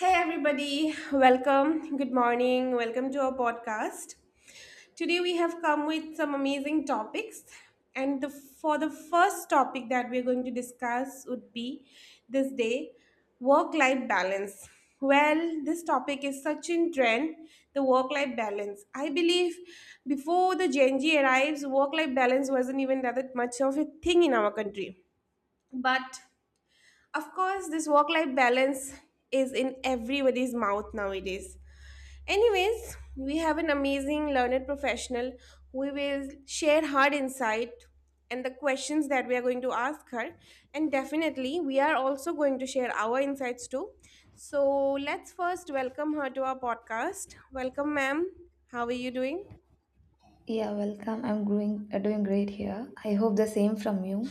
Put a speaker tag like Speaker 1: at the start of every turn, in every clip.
Speaker 1: Hey everybody, welcome. Good morning. Welcome to our podcast. Today we have come with some amazing topics and for the first topic that we're going to discuss would be this day work life balance. Well, this topic is such in trend, the work life balance. I believe before the Gen Z arrives, work life balance wasn't even that much of a thing in our country. Of course, this work life balance is in everybody's mouth nowadays. Anyways, we have an amazing learned professional who will share her insight and the questions that we are going to ask her. And definitely, we are also going to share our insights too. So, let's first welcome her to our podcast. Welcome, ma'am. How are you doing?
Speaker 2: Yeah, welcome. I'm doing great here. I hope the same from you.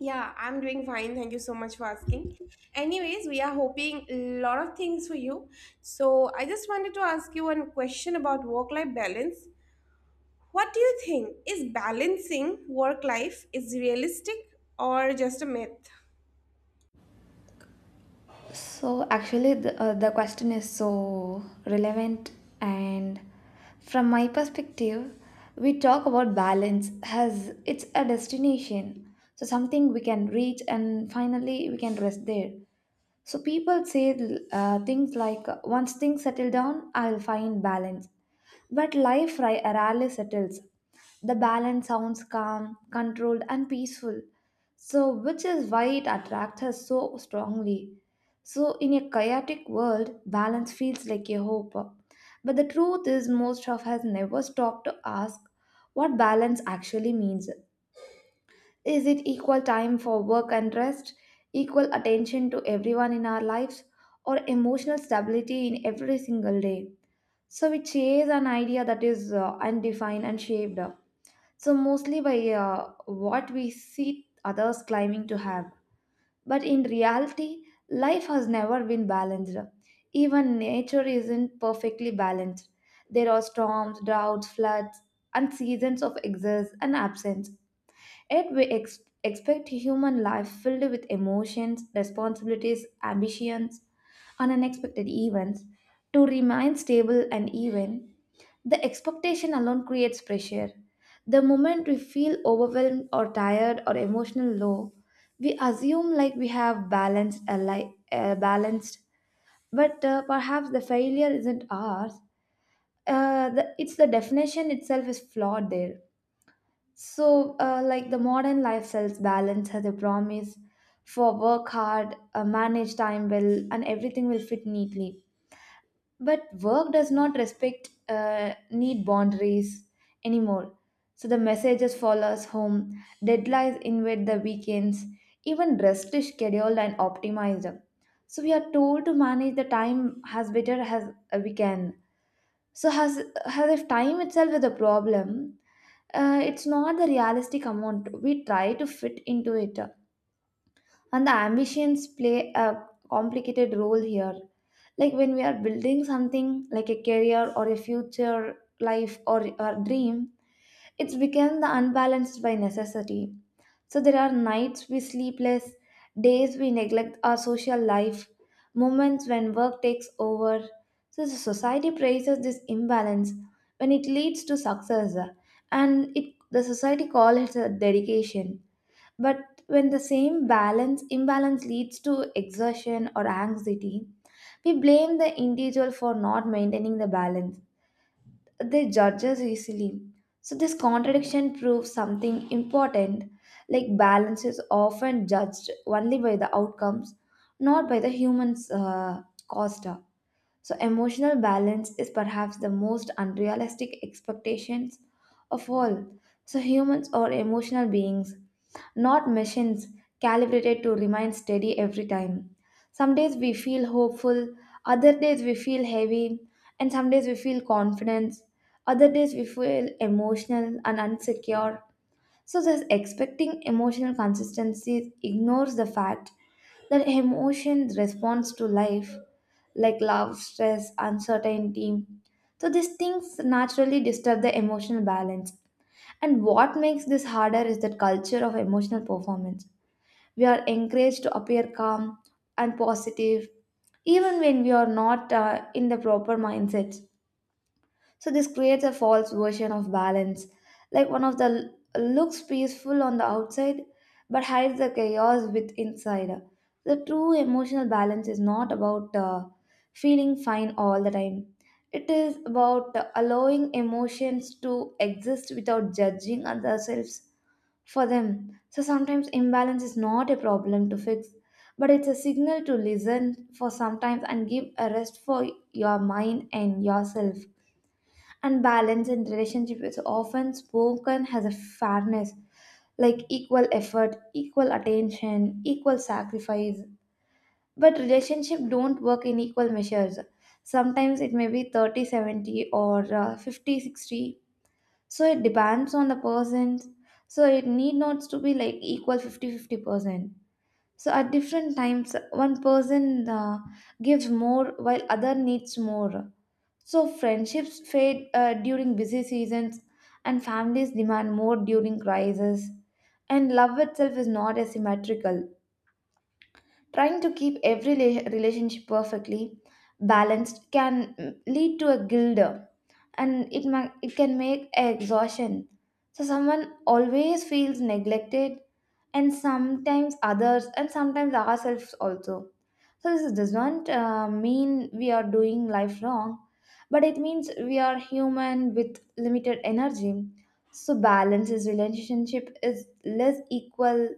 Speaker 1: Yeah, I'm doing fine. Thank you so much for asking. Anyways, we are hoping a lot of things for you. So, I just wanted to ask you one question about work life balance. What do you think? Is balancing work life is realistic or just a myth?
Speaker 2: So actually, the question is so relevant, and from my perspective, we talk about balance as it's a destination, so something we can reach, and finally we can rest there. So people say things like, "Once things settle down, I'll find balance." But rarely settles. The balance sounds calm, controlled, and peaceful. So, which is why it attracts us so strongly. So, in a chaotic world, balance feels like a hope. But the truth is, most of us never stop to ask what balance actually means. Is it equal time for work and rest, equal attention to everyone in our lives, or emotional stability in every single day? So we chase an idea that is undefined and so mostly by what we see others claiming to have. But in reality, life has never been balanced. Even nature isn't perfectly balanced. There are storms, droughts, floods, and seasons of excess and absence. Yet expect human life filled with emotions, responsibilities, ambitions, and unexpected events to remain stable and even the expectation alone creates pressure. The moment we feel overwhelmed or tired or emotional low, we assume like we have balanced a life balanced. But perhaps the failure isn't ours. The definition itself is flawed there. So the modern life sells balance has a promise for work hard, manage time well, and everything will fit neatly, but work does not respect need boundaries anymore, so the messages follow us home, deadlines invade the weekends, even rest is scheduled and optimized. So we are told to manage the time as better as we can, so has as if time itself is a problem. It's not the realistic amount we try to fit into it, and the ambitions play a complicated role here, like when we are building something like a career or a future life or a dream, it's become the unbalanced by necessity. So there are nights we sleep less, days we neglect our social life, moments when work takes over. So the society praises this imbalance when it leads to success, and it the society calls it a dedication. But when the same balance imbalance leads to exertion or anxiety, we blame the individual for not maintaining the balance. They judge us easily. So this contradiction proves something important, like balance is often judged only by the outcomes, not by the human's cost. So, emotional balance is perhaps the most unrealistic expectations of all. So, humans are emotional beings, not machines calibrated to remain steady every time. Some days we feel hopeful, other days we feel heavy, and some days we feel confidence, other days we feel emotional and insecure. So, this expecting emotional consistency ignores the fact that emotion responds to life like love, stress, uncertainty. So these things naturally disturb the emotional balance. And what makes this harder is that culture of emotional performance. We are encouraged to appear calm and positive even when we are not in the proper mindset. So this creates a false version of balance, like one of the looks peaceful on the outside but hides the chaos with inside. The true emotional balance is not about feeling fine all the time. It is about allowing emotions to exist without judging ourselves for them. So sometimes imbalance is not a problem to fix, but it's a signal to listen for sometimes and give a rest for your mind and yourself. And balance in relationship is often spoken as a fairness, like equal effort, equal attention, equal sacrifice. But relationship don't work in equal measures. Sometimes it may be 30-70 or 50 60. So it depends on the person. So it need not to be like equal 50/50 percent. So at different times one person gives more while other needs more. So friendships fade during busy seasons, and families demand more during crises. And love itself is not asymmetrical. Trying to keep every relationship perfectly balanced can lead to a guilt, and it can make exhaustion. So someone always feels neglected, and sometimes others, and sometimes ourselves also. So this does not mean we are doing life wrong, but it means we are human with limited energy. So balance is relationship is less equal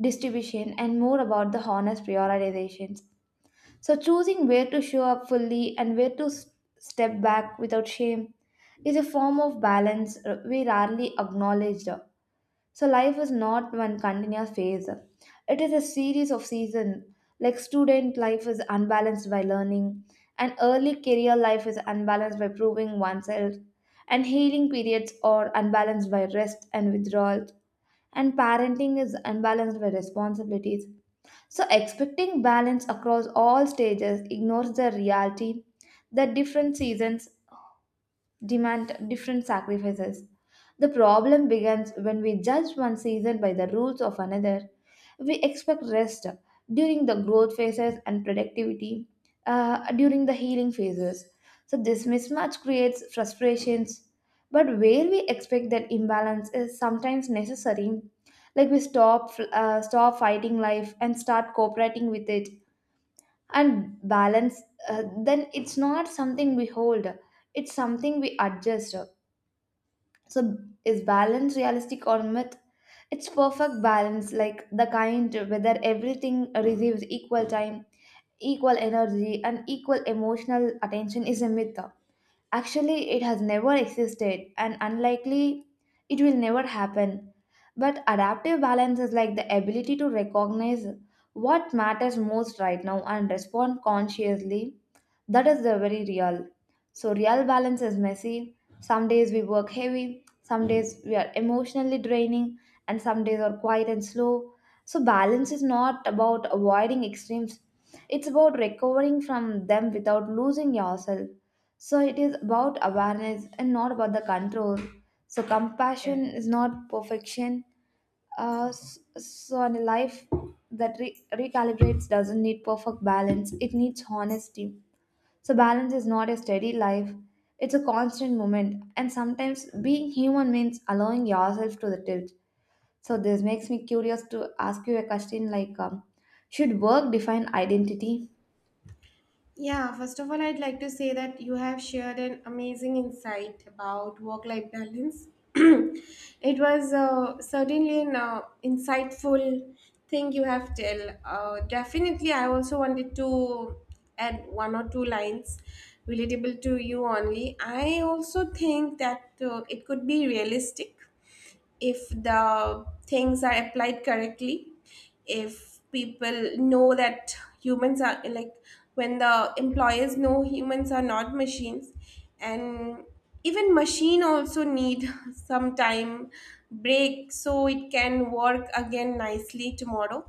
Speaker 2: distribution and more about the honest prioritizations. So choosing where to show up fully and where to step back without shame is a form of balance we rarely acknowledge. So life is not one continuous phase. It is a series of seasons. Like student life is unbalanced by learning, and early career life is unbalanced by proving oneself, and healing periods are unbalanced by rest and withdrawal, and parenting is unbalanced by responsibilities. So expecting balance across all stages ignores the reality that different seasons demand different sacrifices. The problem begins when we judge one season by the rules of another. We expect rest during the growth phases and productivity during the healing phases. So, this mismatch creates frustrations. But where we expect that imbalance is sometimes necessary, like we stop fighting life and start cooperating with it. And then, it's not something we hold, it's something we adjust. So is balance realistic or myth? It's perfect balance, like the kind whether everything receives equal time, equal energy, and equal emotional attention, is a myth. Actually, it has never existed and unlikely it will never happen. But adaptive balance is like the ability to recognize what matters most right now and respond consciously. That is the very real. So, real balance is messy. Some days we work heavy, some days we are emotionally draining, and some days are quiet and slow. So, balance is not about avoiding extremes, it's about recovering from them without losing yourself. So it is about awareness and not about the control. So compassion is not perfection. So in a life that recalibrates doesn't need perfect balance. It needs honesty. So balance is not a steady life. It's a constant moment. And sometimes being human means allowing yourself to the tilt. So this makes me curious to ask you a question like, should work define identity?
Speaker 1: Yeah, first of all, I'd like to say that you have shared an amazing insight about work life balance. It was certainly an insightful thing you have tell. Definitely, I also wanted to add one or two lines relatable to you only. I also think that it could be realistic if the things are applied correctly, if people know that humans are like when the employers know humans are not machines, and even machine also need some time break so it can work again nicely tomorrow.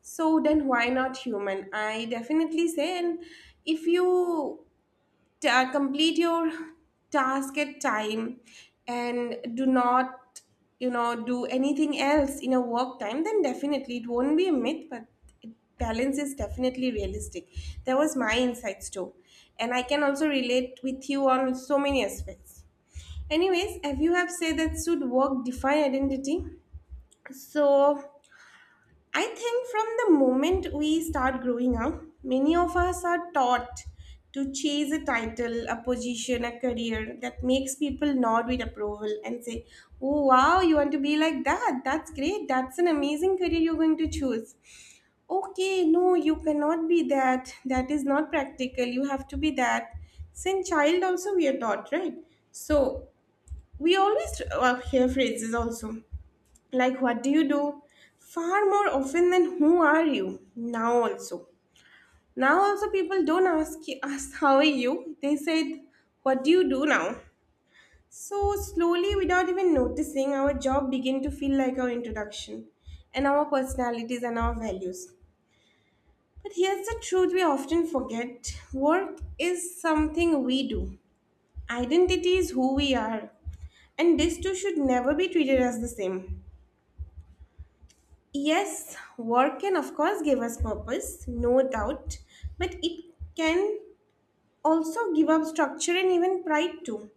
Speaker 1: So then why not human? I definitely say. And if you complete your task at time and do not, do anything else in a work time, then definitely it won't be a myth. It- Balance is definitely realistic. That was my insights too, and I can also relate with you on so many aspects. Anyways, if you have said that should work define identity, so I think from the moment we start growing up, many of us are taught to chase a title, a position, a career that makes people nod with approval and say, "Oh, wow, you want to be like that? That's great. That's an amazing career you're going to choose. Okay, no, you cannot be that. That is not practical. You have to be that." Since child, also, we are taught, right? So, we always hear phrases also like, what do you do? Far more often than who are you? Now also. Now also, people don't ask you, ask how are you. They said, what do you do now? So slowly, without even noticing, our job begin to feel like our introduction, and our personalities and our values. But here's the truth we often forget: work is something we do. Identity is who we are, and this too should never be treated as the same. Yes, work can, of course, give us purpose, no doubt, but it can also give up structure and even pride too.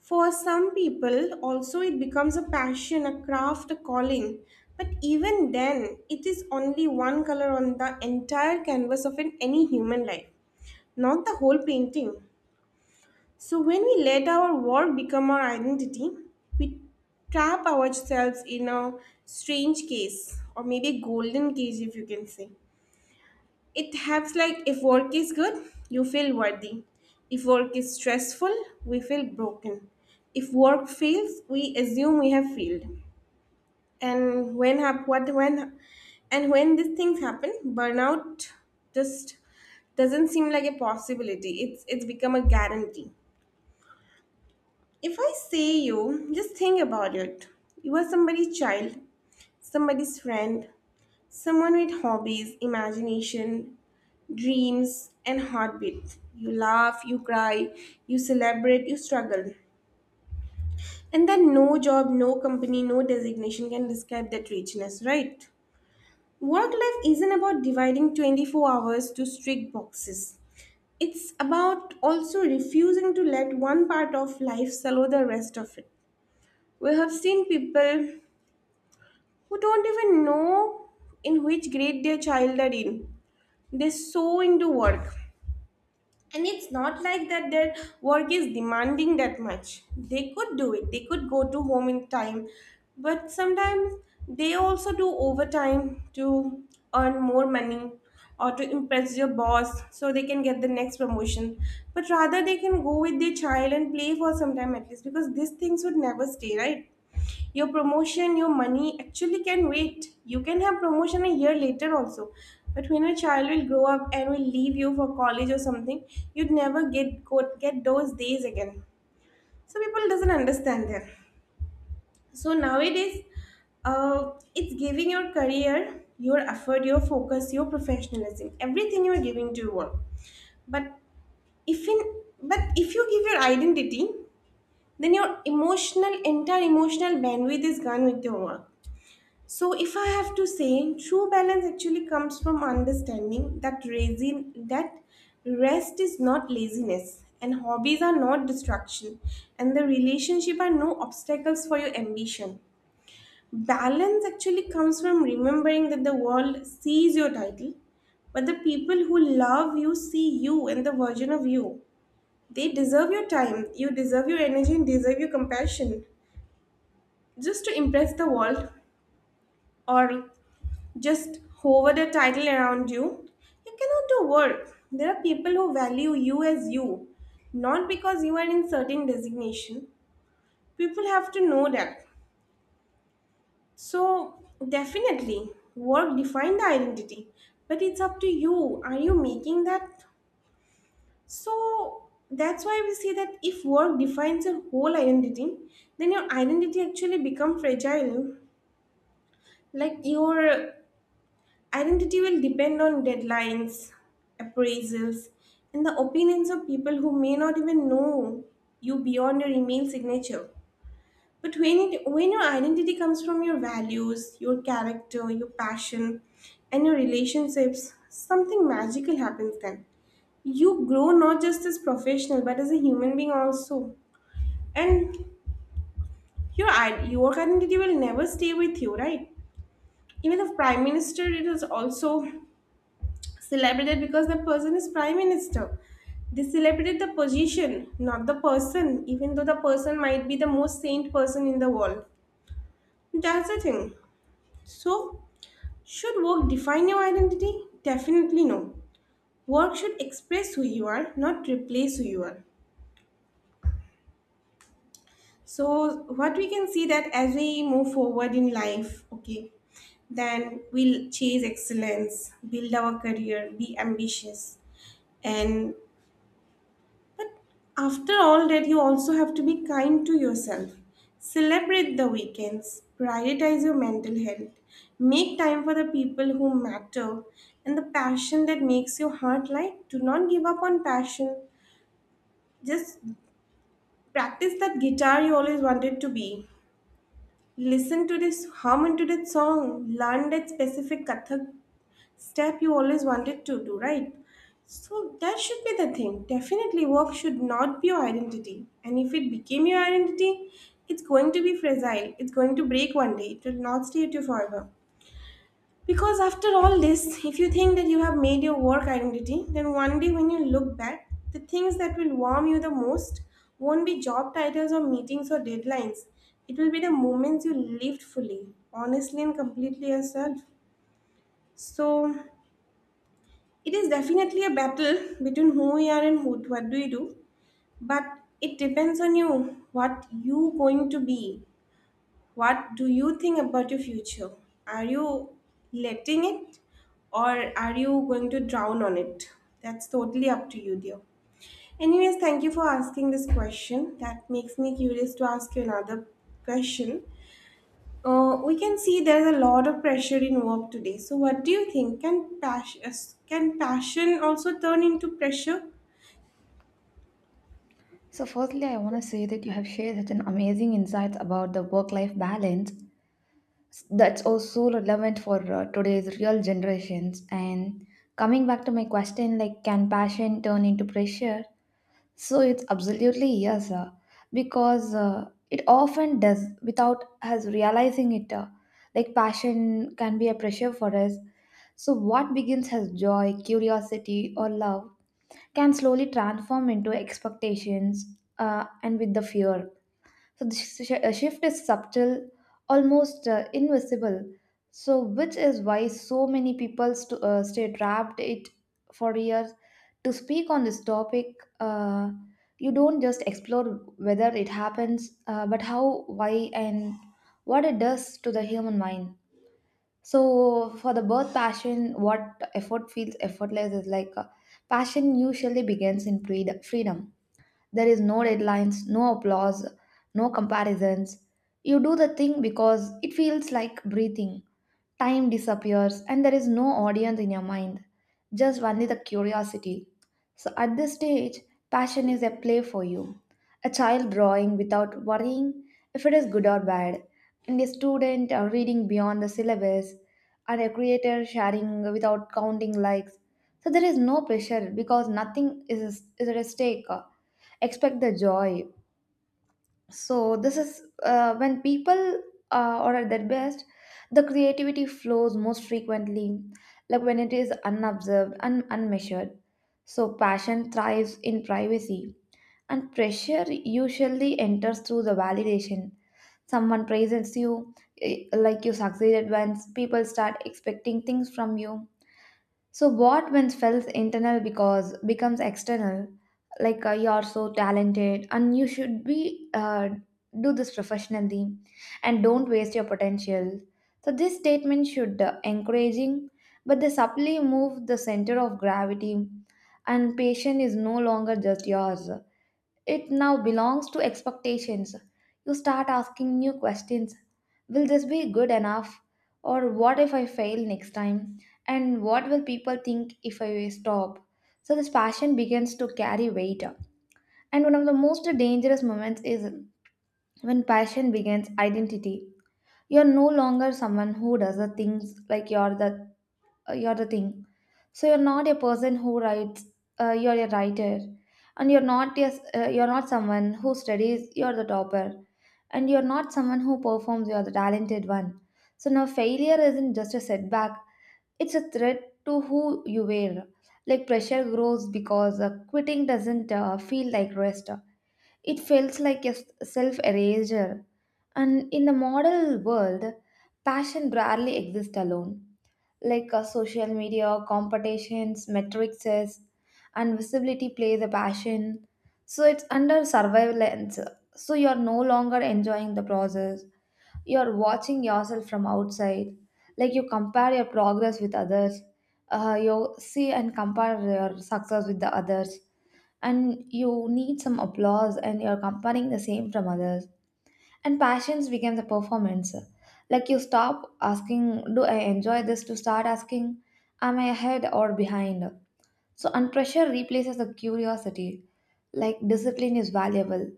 Speaker 1: For some people, also, it becomes a passion, a craft, a calling. But even then, it is only one color on the entire canvas of an, any human life, not the whole painting. So, when we let our work become our identity, we trap ourselves in a strange case, or maybe a golden cage, if you can say. It helps like if work is good, you feel worthy. If work is stressful, we feel broken. If work fails, we assume we have failed. And when hap- what when and when these things happen, burnout just doesn't seem like a possibility. It's become a guarantee. If I say you, just think about it. You are somebody's child, somebody's friend, someone with hobbies, imagination, dreams, and heartbeat. You laugh, you cry, you celebrate, you struggle. And then no job, no company, no designation can describe that richness, right? Work life isn't about dividing 24 hours to strict boxes. It's about also refusing to let one part of life swallow the rest of it. We have seen people who don't even know in which grade their child are in. They're so into work. And it's not like that their work is demanding that much. They could do it, they could go to home in time. But sometimes they also do overtime to earn more money or to impress your boss so they can get the next promotion. But rather, they can go with their child and play for some time at least, because these things would never stay, right? Your promotion, your money actually can wait. You can have promotion a year later also. But when your child will grow up and will leave you for college or something, you'd never get those days again. So people doesn't understand that. So nowadays, it's giving your career, your effort, your focus, your professionalism, everything you are giving to your work. but if in but if you give your identity, then your emotional, entire emotional bandwidth is gone with your work. So, if I have to say, true balance actually comes from understanding that raising, that rest is not laziness, and hobbies are not distraction, and the relationship are no obstacles for your ambition. Balance actually comes from remembering that the world sees your title, but the people who love you see you and the version of you. They deserve your time, you deserve your energy, and deserve your compassion. Just to impress the world or just hover the title around you. You cannot do work. There are people who value you as you, not because you are in certain designation. People have to know that. So definitely, work define the identity, but it's up to you. Are you making that? So that's why we say that if work defines your whole identity, then your identity actually become fragile. Like your Identity will depend on deadlines, appraisals, and the opinions of people who may not even know you beyond your email signature. When your identity comes from your values, your character, your passion, and your relationships, something magical happens then. You grow not just as professional but as a human being also. And your identity will never stay with you, right? Even if prime minister, it is also celebrated because the person is prime minister. They celebrate the position, not the person, even though the person might be the most saint person in the world. That's the thing. So, should work define your identity? Definitely no. Work should express who you are, not replace who you are. So, what we can see that as we move forward in life, okay, then we'll chase excellence, build our career, be ambitious, and after all that, you also have to be kind to yourself. Celebrate the weekends, prioritize your mental health, make time for the people who matter, and the passion that makes your heart light. Do not give up on passion. Just practice that guitar you always wanted to be. Listen to this, hum into that song, learn that specific Kathak step you always wanted to do, right? So that should be the thing. Definitely, work should not be your identity. And if it became your identity, it's going to be fragile. It's going to break one day. It will not stay with you forever. Because after all this, if you think that you have made your work identity, then one day when you look back, the things that will warm you the most won't be job titles or meetings or deadlines. It will be the moments you lived fully, honestly, and completely yourself. So, it is definitely a battle between who we are and what do we do, but it depends on you. What you going to be? What do you think about your future? Are you letting it, or are you going to drown on it? That's totally up to you, dear. Anyways, thank you for asking this question. That makes me curious to ask you another question. We can see there's a lot of pressure in work today. So, what do you think? Can passion also turn into pressure?
Speaker 2: So, firstly, I want to say that you have shared such an amazing insights about the work life balance that's also relevant for today's real generations. And coming back to my question, like, can passion turn into pressure? So, it's absolutely yes, because it often does without us realizing it. Like, passion can be a pressure for us. So, what begins as joy, curiosity, or love can slowly transform into expectations and with the fear. So the shift is subtle, almost invisible. So which is why so many people stay trapped it for years. To speak on this topic, you don't just explore whether it happens, but how, why, and what it does to the human mind. So for the birth passion, what effort feels effortless is like passion usually begins in freedom. There is no deadlines, no applause, no comparisons. You do the thing because it feels like breathing. Time disappears and there is no audience in your mind, just only the curiosity. So at this stage, passion is a play for you. A child drawing without worrying if it is good or bad, and a student reading beyond the syllabus, and a creator sharing without counting likes. So there is no pressure because nothing is, is at stake. Expect the joy. So this is when people are at their best. The creativity flows most frequently like when it is unobserved and unmeasured. So passion thrives in privacy, and pressure usually enters through the validation. Someone praises you, like you succeeded once, people start expecting things from you. So what once felt internal because becomes external, like you're so talented and you should be do this professionally and don't waste your potential. So this statement should encouraging, but they subtly move the center of gravity, and patient is no longer just yours. It now belongs to expectations. You start asking new questions. Will this be good enough? Or what if I fail next time? And what will people think if I stop? So this passion begins to carry weight. And one of the most dangerous moments is when passion begins identity. You're no longer someone who does the things like you're the thing. So you're not a person who writes. You're a writer, and you're not a, you're not someone who studies. You're the topper, and you're not someone who performs. You're the talented one. So now failure isn't just a setback. It's a threat to who you were. Like, pressure grows because quitting doesn't feel like rest. It feels like a self erasure. And in the model world, passion rarely exists alone like social media, competitions, metrics, and visibility plays a passion. So it's under surveillance. So you're no longer enjoying the process. You're watching yourself from outside. Like, you compare your progress with others. You see and compare your success with the others. And you need some applause and you're comparing the same from others, and passions became the performance. Like, you stop asking, do I enjoy this, to start asking, am I ahead or behind? So and pressure replaces the curiosity. Like, discipline is valuable,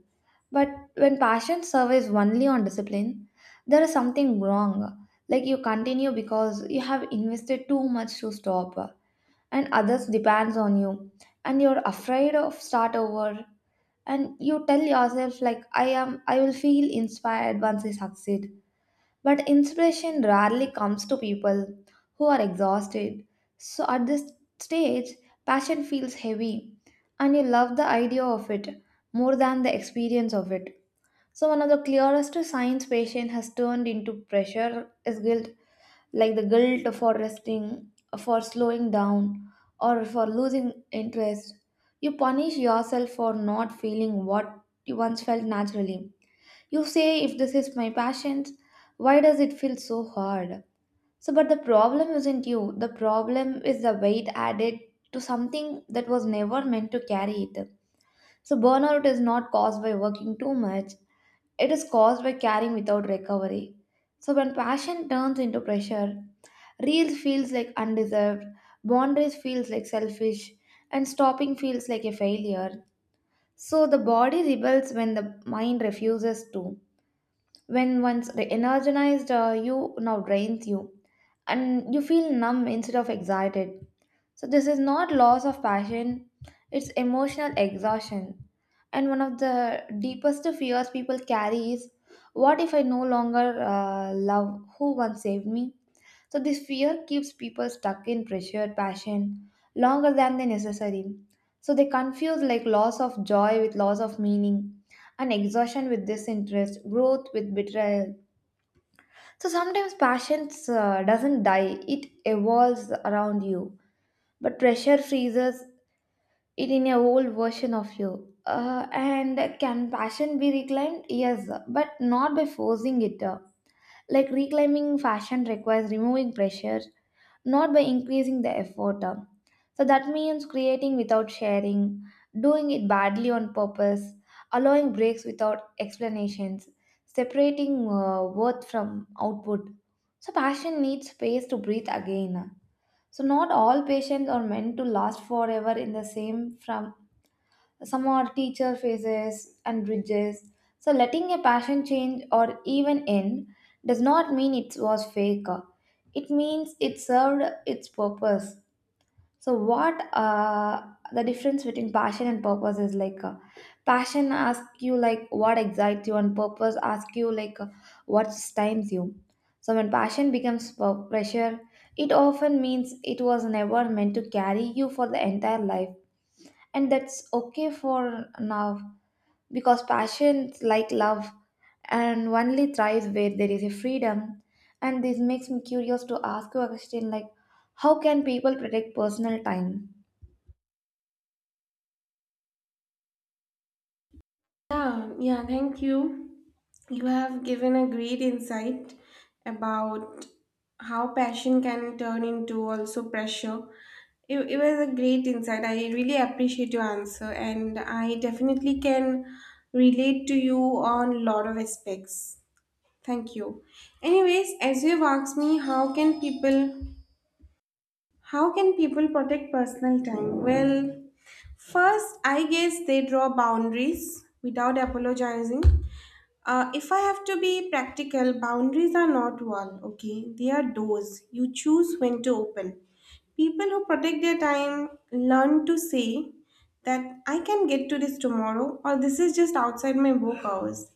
Speaker 2: but when passion surveys only on discipline, there is something wrong. Like, you continue because you have invested too much to stop, and others depends on you, and you're afraid of start over, and you tell yourself like I will feel inspired once I succeed. But inspiration rarely comes to people who are exhausted. So at this stage, passion feels heavy and you love the idea of it more than the experience of it. So one of the clearest signs patient has turned into pressure is guilt, like the guilt for resting, for slowing down, or for losing interest. You punish yourself for not feeling what you once felt naturally. You say, if this is my passion, why does it feel so hard? So, but the problem isn't you. The problem is the weight added to something that was never meant to carry it. So, burnout is not caused by working too much, it is caused by carrying without recovery. So, when passion turns into pressure, real feels like undeserved, boundaries feels like selfish, and stopping feels like a failure. So, the body rebels when the mind refuses to. When once energized, you now drains you and you feel numb instead of excited. So, this is not loss of passion, it's emotional exhaustion. And one of the deepest fears people carry is, what if I no longer love who once saved me? So, this fear keeps people stuck in pressured passion longer than they necessary. So, they confuse like loss of joy with loss of meaning, and exhaustion with disinterest, growth with betrayal. So sometimes passions doesn't die, it evolves around you. But pressure freezes it in a old version of you. And can passion be reclaimed? Yes, but not by forcing it. Like, reclaiming fashion requires removing pressure, not by increasing the effort. So that means creating without sharing, doing it badly on purpose, allowing breaks without explanations, separating worth from output. So passion needs space to breathe again. So not all patients are meant to last forever in the same from, some are teacher phases and bridges. So letting a passion change or even end does not mean it was fake. It means it served its purpose. So what the difference between passion and purpose is like passion asks you like what excites you, and purpose asks you like what stimes you. So when passion becomes pressure, it often means it was never meant to carry you for the entire life, and that's okay for now, because passions like love and only thrives where there is a freedom. And this makes me curious to ask you a question, like how can people protect personal time?
Speaker 1: Yeah, yeah, thank you. You have given a great insight about how passion can turn into also pressure. It was a great insight. I really appreciate your answer, and I definitely can relate to you on a lot of aspects. Thank you. Anyways, as you've asked me, how can people protect personal time? Well, first, I guess they draw boundaries without apologizing. If I have to be practical, boundaries are not wall, okay? They are doors. You choose when to open. People who protect their time learn to say that I can get to this tomorrow or this is just outside my work hours.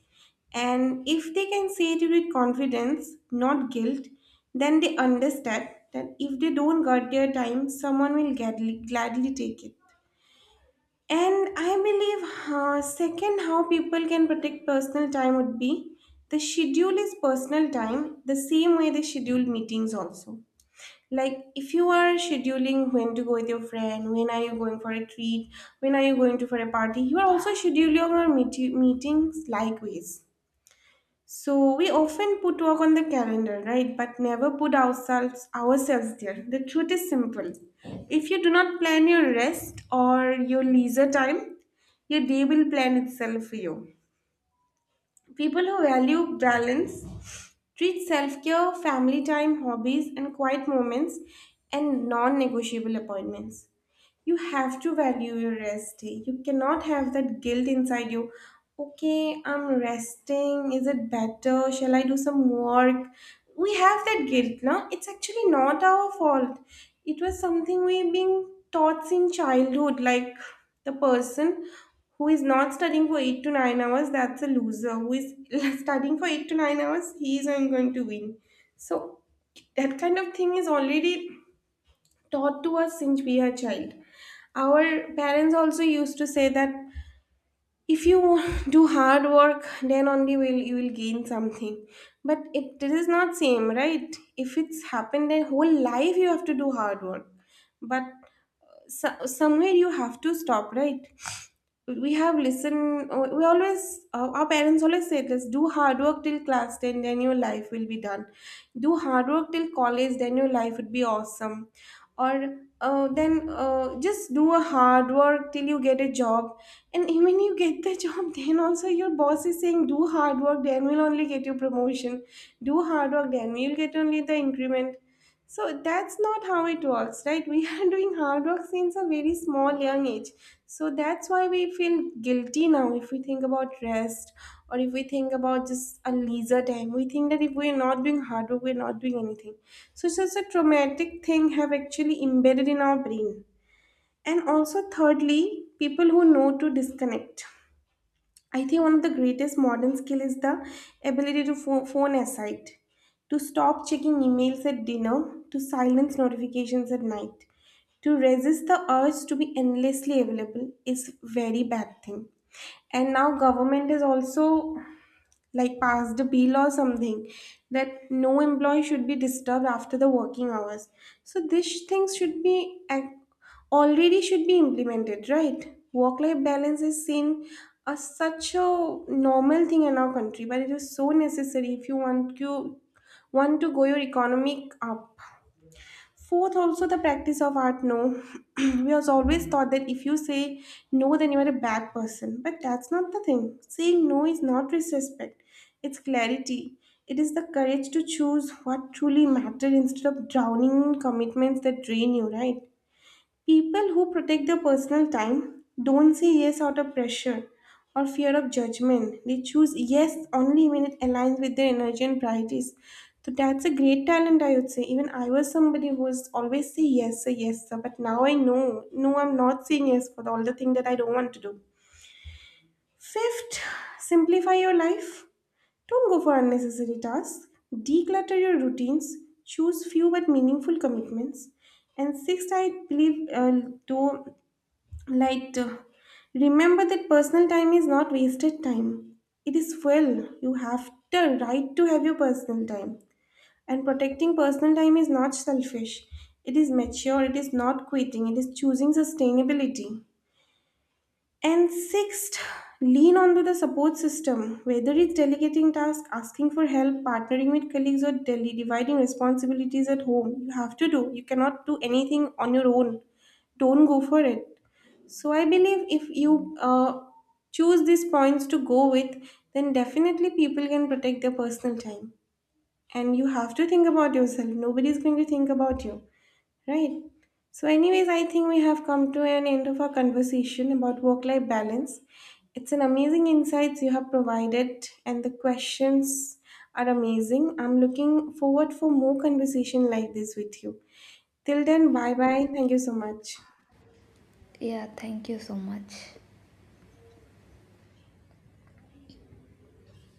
Speaker 1: And if they can say it with confidence, not guilt, then they understand that if they don't get their time, someone will gladly, gladly take it. And I believe, second, how people can protect personal time would be the schedule is personal time, the same way they schedule meetings also. Like if you are scheduling when to go with your friend, when are you going for a treat, when are you going to for a party, you are also scheduling your meetings likewise. So we often put work on the calendar, right? But never put ourselves there. The truth is simple. If you do not plan your rest or your leisure time, your day will plan itself for you. People who value balance treat self-care, family time, hobbies, and quiet moments and non-negotiable appointments. You have to value your rest day. You cannot have that guilt inside you. Okay, I'm resting. Is it better? Shall I do some work? We have that guilt, no? It's actually not our fault. It was something we being taught since childhood, like the person who is not studying for 8 to 9 hours, that's a loser. Who is studying for 8 to 9 hours, he is not going to win. So that kind of thing is already taught to us since we are child, our parents also used to say that if you do hard work then only will you will gain something, but it is not same, right? If it's happened then whole life you have to do hard work, but so, somewhere you have to stop, right? We have listened, we always, our parents always say this: do hard work till class 10 then your life will be done, do hard work till college then your life would be awesome, or then just do a hard work till you get a job, and when you get the job then also your boss is saying do hard work then we'll only get your promotion, do hard work then we'll get only the increment. So that's not how it works, right? We are doing hard work since a very small young age. So that's why we feel guilty now if we think about rest or if we think about just a leisure time. We think that if we're not doing hard work, we're not doing anything. So it's a traumatic thing have actually embedded in our brain. And also thirdly, people who know to disconnect. I think one of the greatest modern skill is the ability to phone aside, to stop checking emails at dinner, to silence notifications at night. To resist the urge to be endlessly available is very bad thing. And now government is also like passed the bill or something that no employee should be disturbed after the working hours, so these things should be already should be implemented, right? Work life balance is seen as such a normal thing in our country, but it is so necessary if you want to go your economic up. Fourth, also the practice of art, no. We was always thought that if you say no, then you are a bad person. But that's not the thing. Saying no is not disrespect, it's clarity. It is the courage to choose what truly matters instead of drowning in commitments that drain you, right? People who protect their personal time don't say yes out of pressure or fear of judgment. They choose yes only when it aligns with their energy and priorities. So that's a great talent, I would say. Even I was somebody who was always say yes, sir. But now I know, no, I'm not saying yes for all the thing that I don't want to do. Fifth, simplify your life. Don't go for unnecessary tasks. Declutter your routines. Choose few but meaningful commitments. And sixth, I believe, though Light. Remember that personal time is not wasted time. It is fuel. You have the right to have your personal time. And protecting personal time is not selfish. It is mature. It is not quitting. It is choosing sustainability. And sixth, lean onto the support system, whether it's delegating tasks, asking for help, partnering with colleagues, or dividing responsibilities at home. You have to do. You cannot do anything on your own. Don't go for it. So I believe if you choose these points to go with, then definitely people can protect their personal time. And you have to think about yourself. Nobody is going to think about you, right? So, anyways, I think we have come to an end of our conversation about work life balance. It's an amazing insights you have provided, and the questions are amazing. I'm looking forward for more conversation like this with you. Till then, bye bye. Thank you so much.
Speaker 2: Yeah, thank you so much.